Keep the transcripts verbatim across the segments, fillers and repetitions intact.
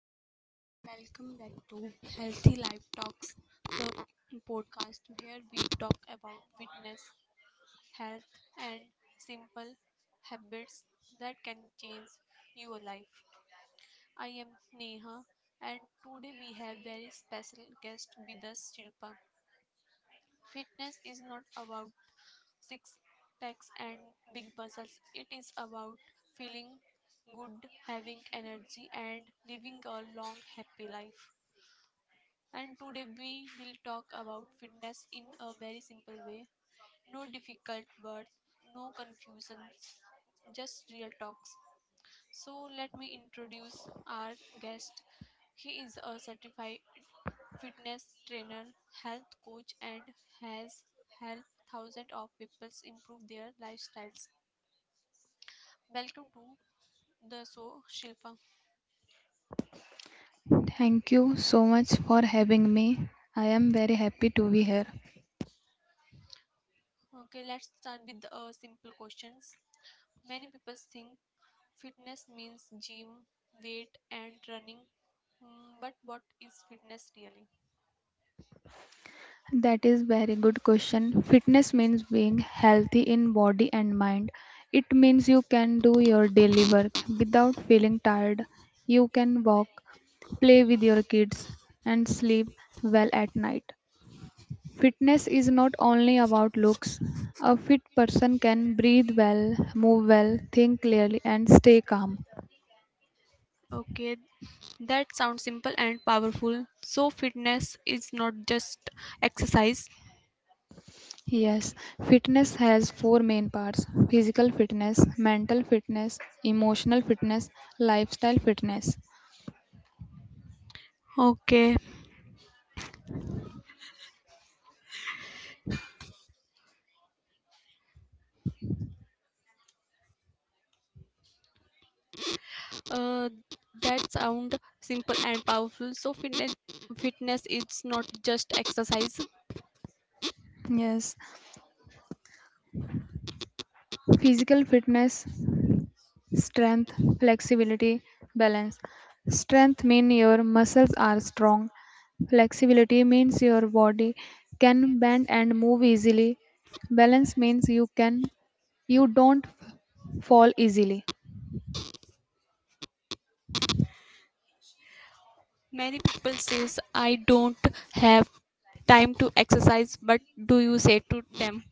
everyone, and welcome back to Healthy Life Talks, the podcast where we talk about fitness, health, and simple habits that can change your life. I am Neha, and today we have very special guest with us, Shilpa. Fitness is not about six packs and big muscles, it is about feeling good, having energy, and living a long, happy life. And today we will talk about fitness in a very simple way. No difficult words, no confusions, just real talks. So let me introduce our guest. He is a certified fitness trainer, health coach and has helped thousands of people improve their lifestyles. Welcome to the show, Shilpa. Thank you so much for having me. I am very happy to be here. Okay, let's start with the uh, simple questions. Many people think fitness means gym, weight, and running. Mm, But what is fitness really? That is very good question. Fitness means being healthy in body and mind. It means you can do your daily work without feeling tired. You can walk, play with your kids and sleep well at night. Fitness is not only about looks. A fit person can breathe well, move well, think clearly and stay calm. Okay, that sounds simple and powerful. So, fitness is not just exercise. Yes, fitness has four main parts physical fitness, mental fitness, emotional fitness, lifestyle fitness. Okay, uh, that sound simple and powerful. So, fitness fitness is not just exercise. Yes, physical fitness, strength, flexibility, balance. Strength means your muscles are strong, flexibility means your body can bend and move easily, balance means you can you don't fall easily. Many people says I don't have time to exercise, but do you say to them?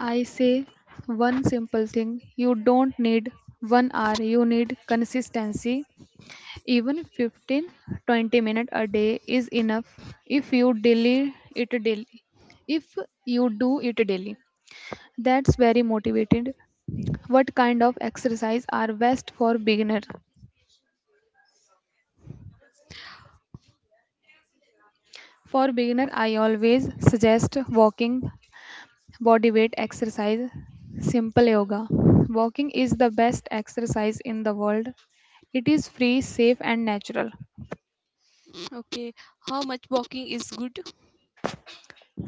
I say one simple thing you don't need one hour, you need consistency. Even fifteen, twenty minutes a day is enough if you daily it daily. If you do it daily, that's very motivated. What kind of exercise are best for beginner? For beginner, I always suggest walking body weight exercise, simple yoga. Walking is the best exercise in the world. It is free, safe, and natural. Okay, how much walking is good?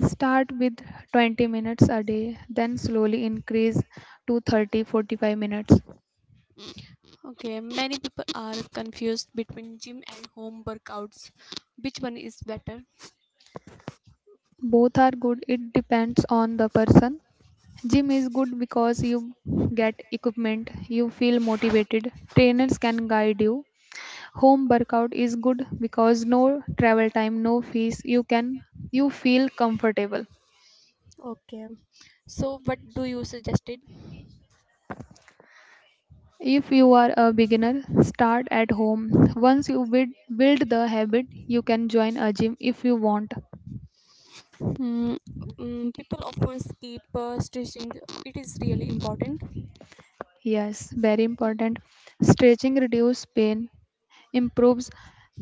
Start with twenty minutes a day, then slowly increase to thirty forty-five minutes. Okay, many people are confused between gym and home workouts. Which one is better? Both are good, it depends on the person. Gym is good because you get equipment, you feel motivated, trainers can guide you. Home workout is good because no travel time, no fees. You can you feel comfortable. Okay, so what do you suggested? If you are a beginner, start at home. Once you build, build the habit, you can join a gym if you want. Hmm, mm, people often skip uh, stretching. It is really important. Yes, very important. Stretching reduces pain, improves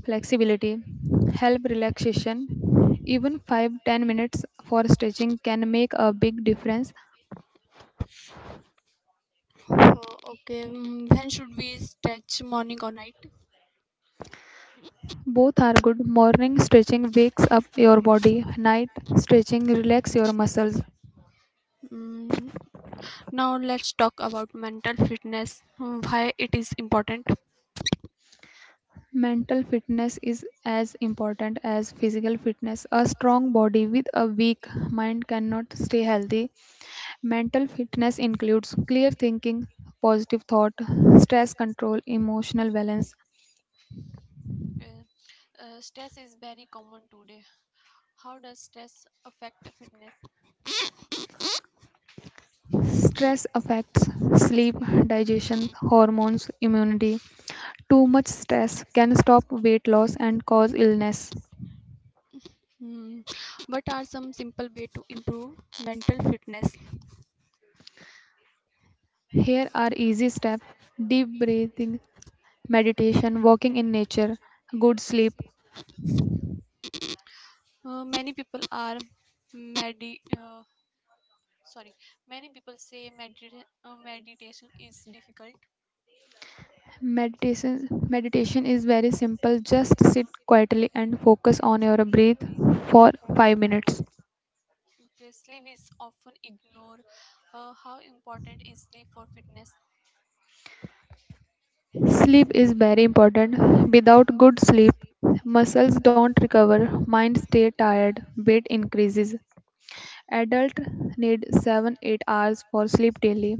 flexibility, help relaxation. Even five ten minutes for stretching can make a big difference. Uh, okay, mm, when should we stretch? Morning or night? Both are good. Morning stretching wakes up your body. Night stretching relax your muscles. Mm, now let's talk about mental fitness. mm, Why it is important? Mental fitness is as important as physical fitness. A strong body with a weak mind cannot stay healthy. Mental fitness includes clear thinking, positive thought, stress control, emotional balance. Okay. Uh, stress is very common today. How does stress affect fitness? Stress affects sleep, digestion, hormones, immunity. Too much stress can stop weight loss and cause illness. Hmm. What are some simple way to improve mental fitness? Here are easy steps deep breathing, meditation, walking in nature, good sleep. Uh, many people are medi- uh, sorry, many people say medita- uh, meditation is difficult. Meditation meditation is very simple. Just sit quietly and focus on your breath for five minutes. Okay, sleep is often ignored. Uh, how important is sleep for fitness? Sleep is very important. Without good sleep, muscles don't recover, mind stay tired, weight increases. Adult need seven eight hours for sleep daily.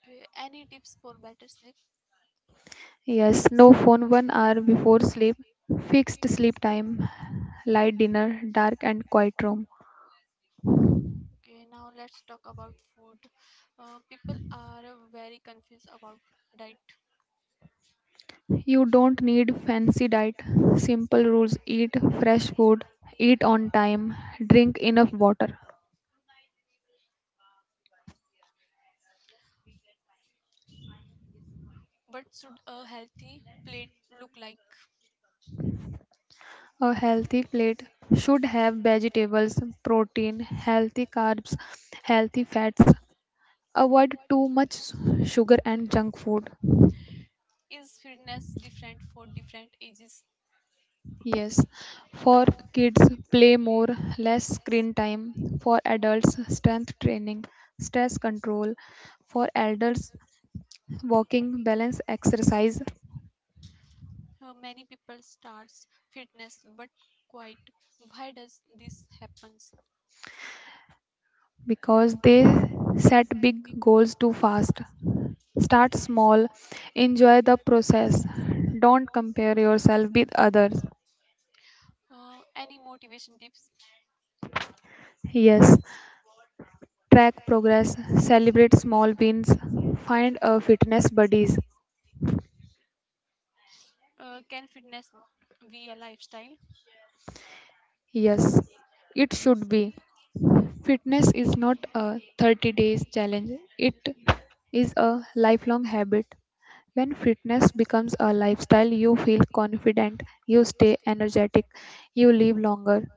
Okay, any tips for better sleep? Yes, no phone one hour before sleep, fixed sleep time, light dinner, dark and quiet room. Okay, now let's talk about food. Uh, people are uh, very confused about diet. You don't need fancy diet, simple rules eat fresh food, eat on time, drink enough water. What should a healthy plate look like? A healthy plate should have vegetables, protein, healthy carbs, healthy fats. Avoid too much sugar and junk food. Is fitness different for different ages? Yes, for kids, play more, less screen time. For adults, strength training, stress control. For elders, walking, balance, exercise. Uh, many people starts fitness but quite. Why does this happens? Because they set big goals too fast. Start small, enjoy the process, don't compare yourself with others. Uh, any motivation tips? Yes, track progress, celebrate small wins, find a fitness buddies. Uh, can fitness be a lifestyle? Yes, it should be. Fitness is not a thirty days challenge, it is a lifelong habit. When fitness becomes a lifestyle, you feel confident, you stay energetic, you live longer.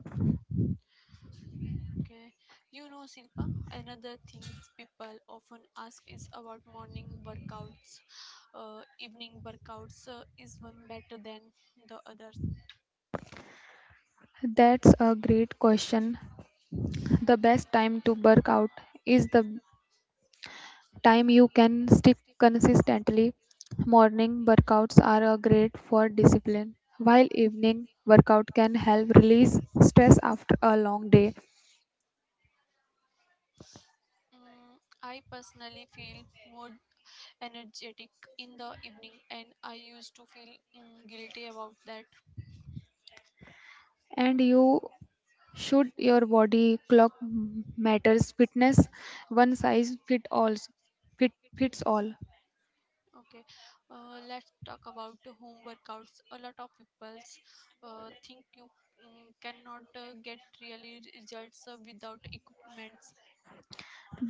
Okay. You know, Silpa, another thing people often ask is about morning workouts. Uh, evening workouts, uh, is one better than the others? That's a great question. The best time to work out is the time you can stick consistently. Morning workouts are a great for discipline, while evening workout can help release stress after a long day. Mm, I personally feel more energetic in the evening, and I used to feel mm, guilty about that. And you should, your body clock m- matters. Fitness one size fit all fit fits all. Okay, uh, let's talk about the home workouts. A lot of people uh, think you mm, cannot uh, get really results uh, without equipment.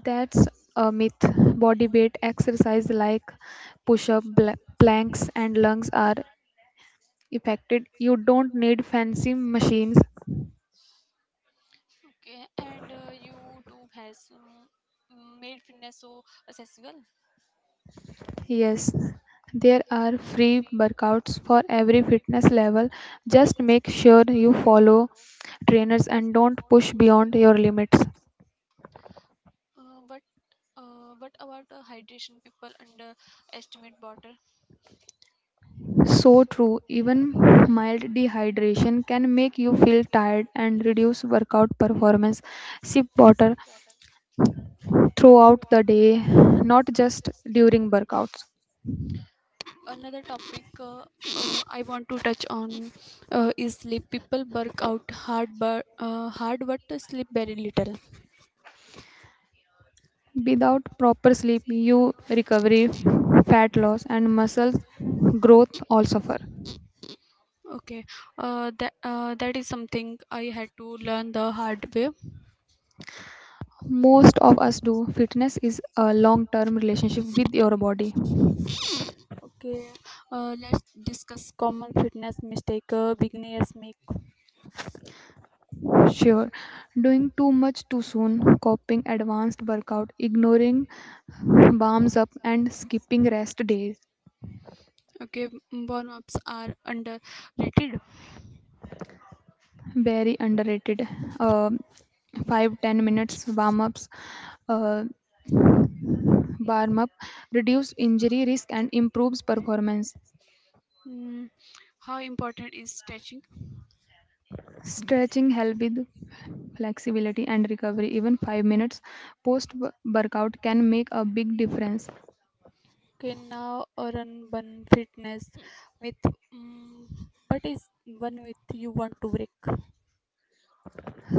That's a myth. Body weight exercise like push up planks and lungs are affected, you don't need fancy machines. Okay, and uh, YouTube has um, made fitness so accessible. Yes, there are free workouts for every fitness level, just make sure you follow trainers and don't push beyond your limits. Uh, but uh, what about uh, hydration? People underestimate water. So true, even mild dehydration can make you feel tired and reduce workout performance. Sip water throughout the day, not just during workouts. Another topic, uh, uh, I want to touch on, uh, is sleep. People work out hard, but uh, hard but sleep very little. Without proper sleep, you recovery, fat loss, and muscle growth all suffer. Okay, uh, that uh, that is something I had to learn the hard way. Most of us do. Fitness is a long term relationship with your body. Okay, uh, let's discuss common fitness mistake uh, beginners make. Sure, doing too much too soon, copying advanced workout, ignoring warms up, and skipping rest days. Okay, burn ups are underrated. Very underrated. Uh, Five ten minutes warm ups, uh, warm up, reduce injury risk and improves performance. Mm, how important is stretching? Stretching help with flexibility and recovery. Even five minutes post wo- workout can make a big difference. Okay, now run one fitness with mm, but one with you want to break.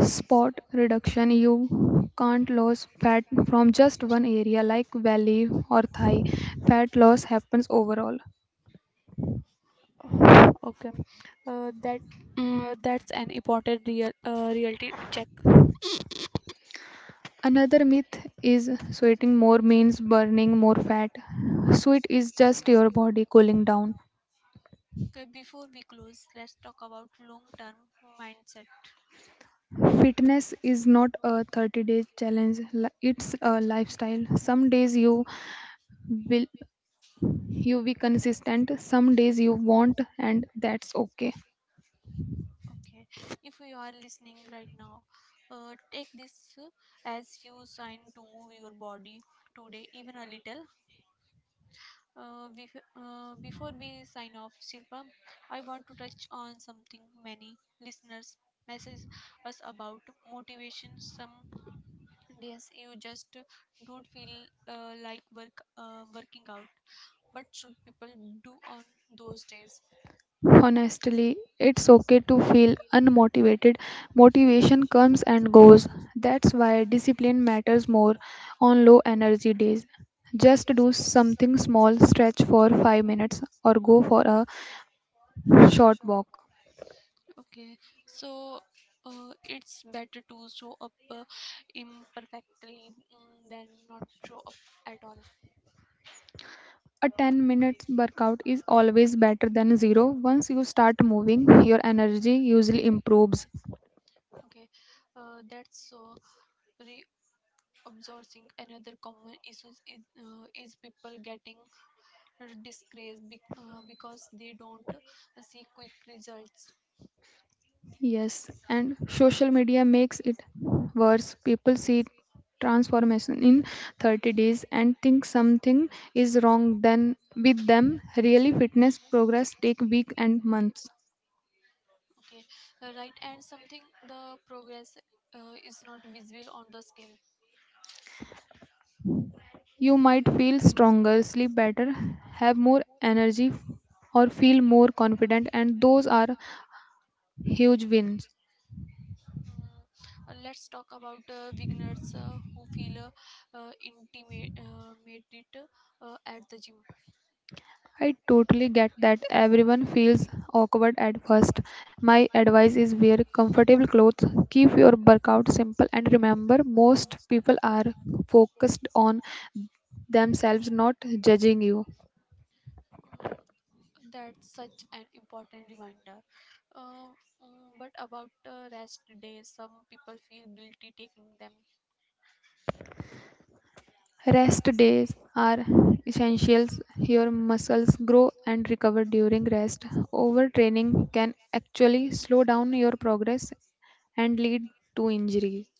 Spot reduction, you can't lose fat from just one area like belly or thigh. Fat loss happens overall. Okay, uh, that uh, that's an important real uh, reality check. Another myth is sweating more means burning more fat. Sweat is just your body cooling down. Okay, before we close, let's talk about long-term mindset. Fitness is not a thirty day challenge li- it's a lifestyle. Some days you will you be consistent, some days you won't, and that's okay. Okay, if you are listening right now, uh, take this uh, as you sign to move your body today, even a little. Uh, bef- uh, before we sign off, Shilpa, I want to touch on something many listeners message us about motivation. Some days you just don't feel uh, like work uh, working out. But should people do on those days? Honestly, it's okay to feel unmotivated. Motivation comes and goes. That's why discipline matters more on low energy days. Just do something small, stretch for five minutes, or go for a short walk. Okay, so uh, it's better to show up uh, imperfectly, mm, than not show up at all. A ten minute workout is always better than zero. Once you start moving, your energy usually improves. Okay, uh, that's so reabsorbing. Another common issue is, uh, is people getting disgraced be- uh, because they don't see quick results. Yes, and social media makes it worse. People see transformation in thirty days and think something is wrong then with them. Really fitness progress take weeks and months. Okay, uh, right, and something the progress uh, is not visible on the scale. You might feel stronger, sleep better, have more energy or feel more confident and those are huge wins. Mm, uh, Let's talk about uh, beginners uh, who feel uh, uh, intimate uh, made it, uh, at the gym. I totally get that everyone feels awkward at first. My advice is wear comfortable clothes, keep your workout simple, and remember most people are focused on themselves, not judging you. Mm, that's such an important reminder. Uh, mm, but about uh, rest days, some people feel guilty taking them. Rest days are essentials. Your muscles grow and recover during rest. Overtraining can actually slow down your progress and lead to injuries.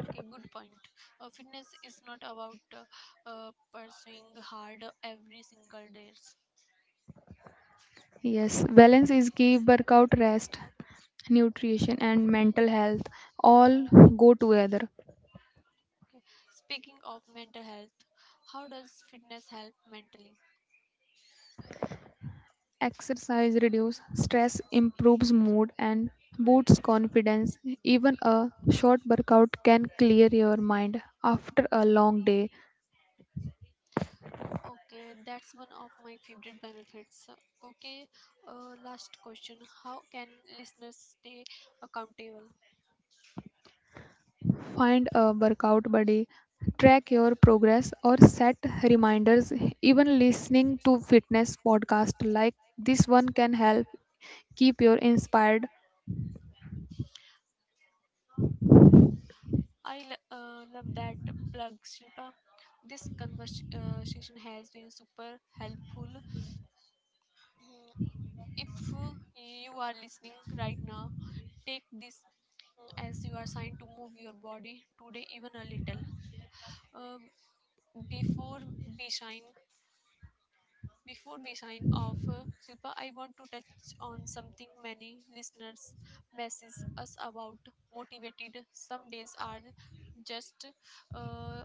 Okay, good point. Uh, fitness is not about uh, uh, pursuing hard every single day. Yes, balance is key. Workout, rest, nutrition, and mental health all go together. Okay. Speaking of mental health, how does fitness help mentally? Exercise reduces stress, improves mood, and boosts confidence. Even a short workout can clear your mind after a long day. Okay, that's one of my favorite benefits. Okay, uh, last question. How can listeners stay accountable? Find a workout buddy, track your progress, or set reminders. Even listening to fitness podcasts like this one can help keep you inspired. I l- uh, love that plug, Shilpa. This conversation has been super helpful. Mm, if you are listening right now, take this, mm, as you are signed to move your body today, even a little. Uh, before we shine Before we sign off, uh, Shilpa, I want to touch on something many listeners message us about. Motivated, some days are just uh,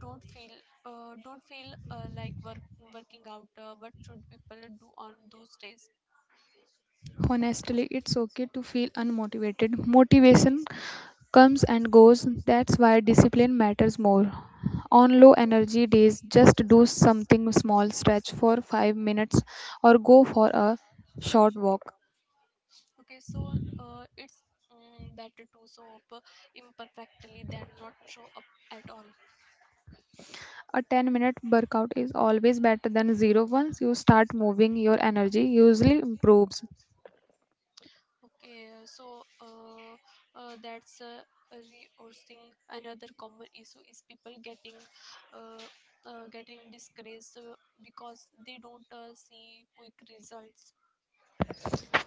don't feel uh, don't feel uh, like work, working out. Uh, what should people do on those days? Honestly, it's okay to feel unmotivated. Motivation comes and goes. That's why discipline matters more. On low energy days, just do something small, stretch for five minutes, or go for a short walk. Okay, so uh, it's mm, better to show up imperfectly than not show up at all. A ten minute workout is always better than zero. Once you start moving, your energy usually improves. Okay, uh, so uh, uh, that's uh, resourcing. Another common issue is people getting uh, uh, getting discouraged uh, because they don't uh, see quick results.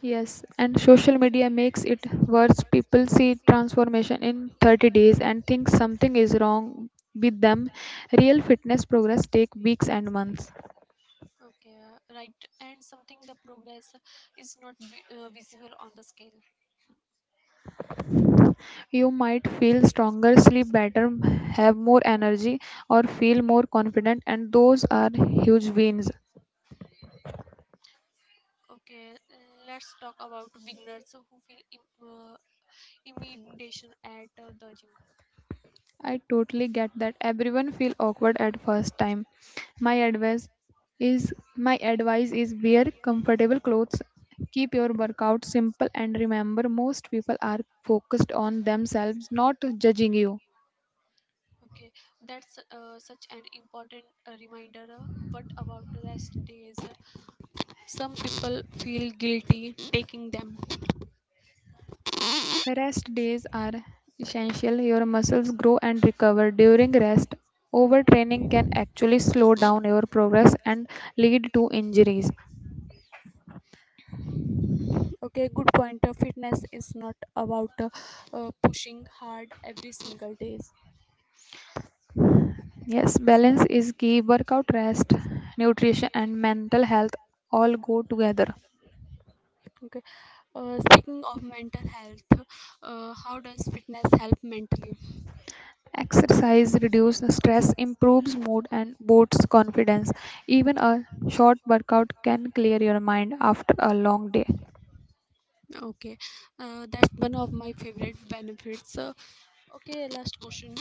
Yes, and social media makes it worse. People see transformation in thirty days and think something is wrong with them. Real fitness progress take weeks and months. Okay, uh, right. And something the progress is not vi- uh, visible on the scale. You might feel stronger, sleep better, have more energy or feel more confident and those are huge wins. Okay, let's talk about beginners who feel Im- uh, intimidation at uh, the gym. I totally get that everyone feel awkward at first time. My advice is my advice is wear comfortable clothes, keep your workout simple and remember most people are focused on themselves not judging you. Okay, that's uh, such an important uh, reminder. Uh, what about rest days, some people feel guilty taking them. Rest days are essential. Your muscles grow and recover during rest. Overtraining can actually slow down your progress and lead to injuries. Okay, good point. Uh, fitness is not about uh, uh, pushing hard every single day. Yes, balance is key. Workout, rest, nutrition, and mental health all go together. Okay. uh, speaking of mental health, uh, how does fitness help mentally? Exercise reduces stress, improves mood, and boosts confidence. Even a short workout can clear your mind after a long day. Okay, uh, that's one of my favorite benefits. uh, okay, last question.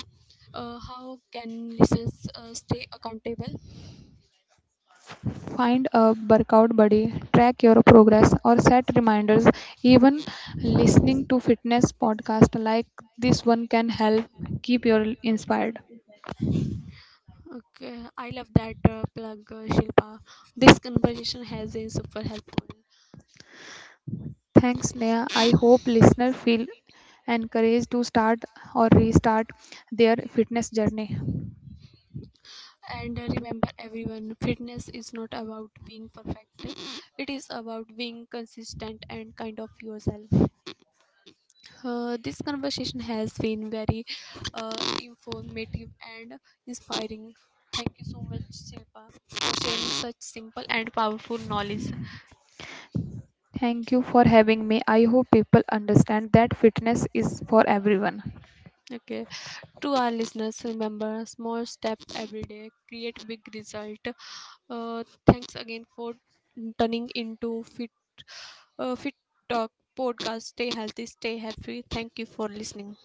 uh, How can listeners uh, stay accountable? Find a workout buddy, track your progress, or set reminders. Even listening to fitness podcasts like this one can help keep you inspired. Okay, I love that uh, plug, uh, Shilpa. This conversation has been super helpful. Thanks, Neha. I hope listeners feel encouraged to start or restart their fitness journey. And uh, remember, everyone, fitness is not about being perfect, it is about being consistent and kind of yourself. Uh, this conversation has been very uh, informative and inspiring. Thank you so much, Shilpa, for sharing such simple and powerful knowledge. Thank you for having me. I hope people understand that fitness is for everyone. Okay. To our listeners, remember small step every day, create big result. Uh, thanks again for turning into Fit, uh, Fit Talk podcast. Stay healthy, stay happy. Thank you for listening.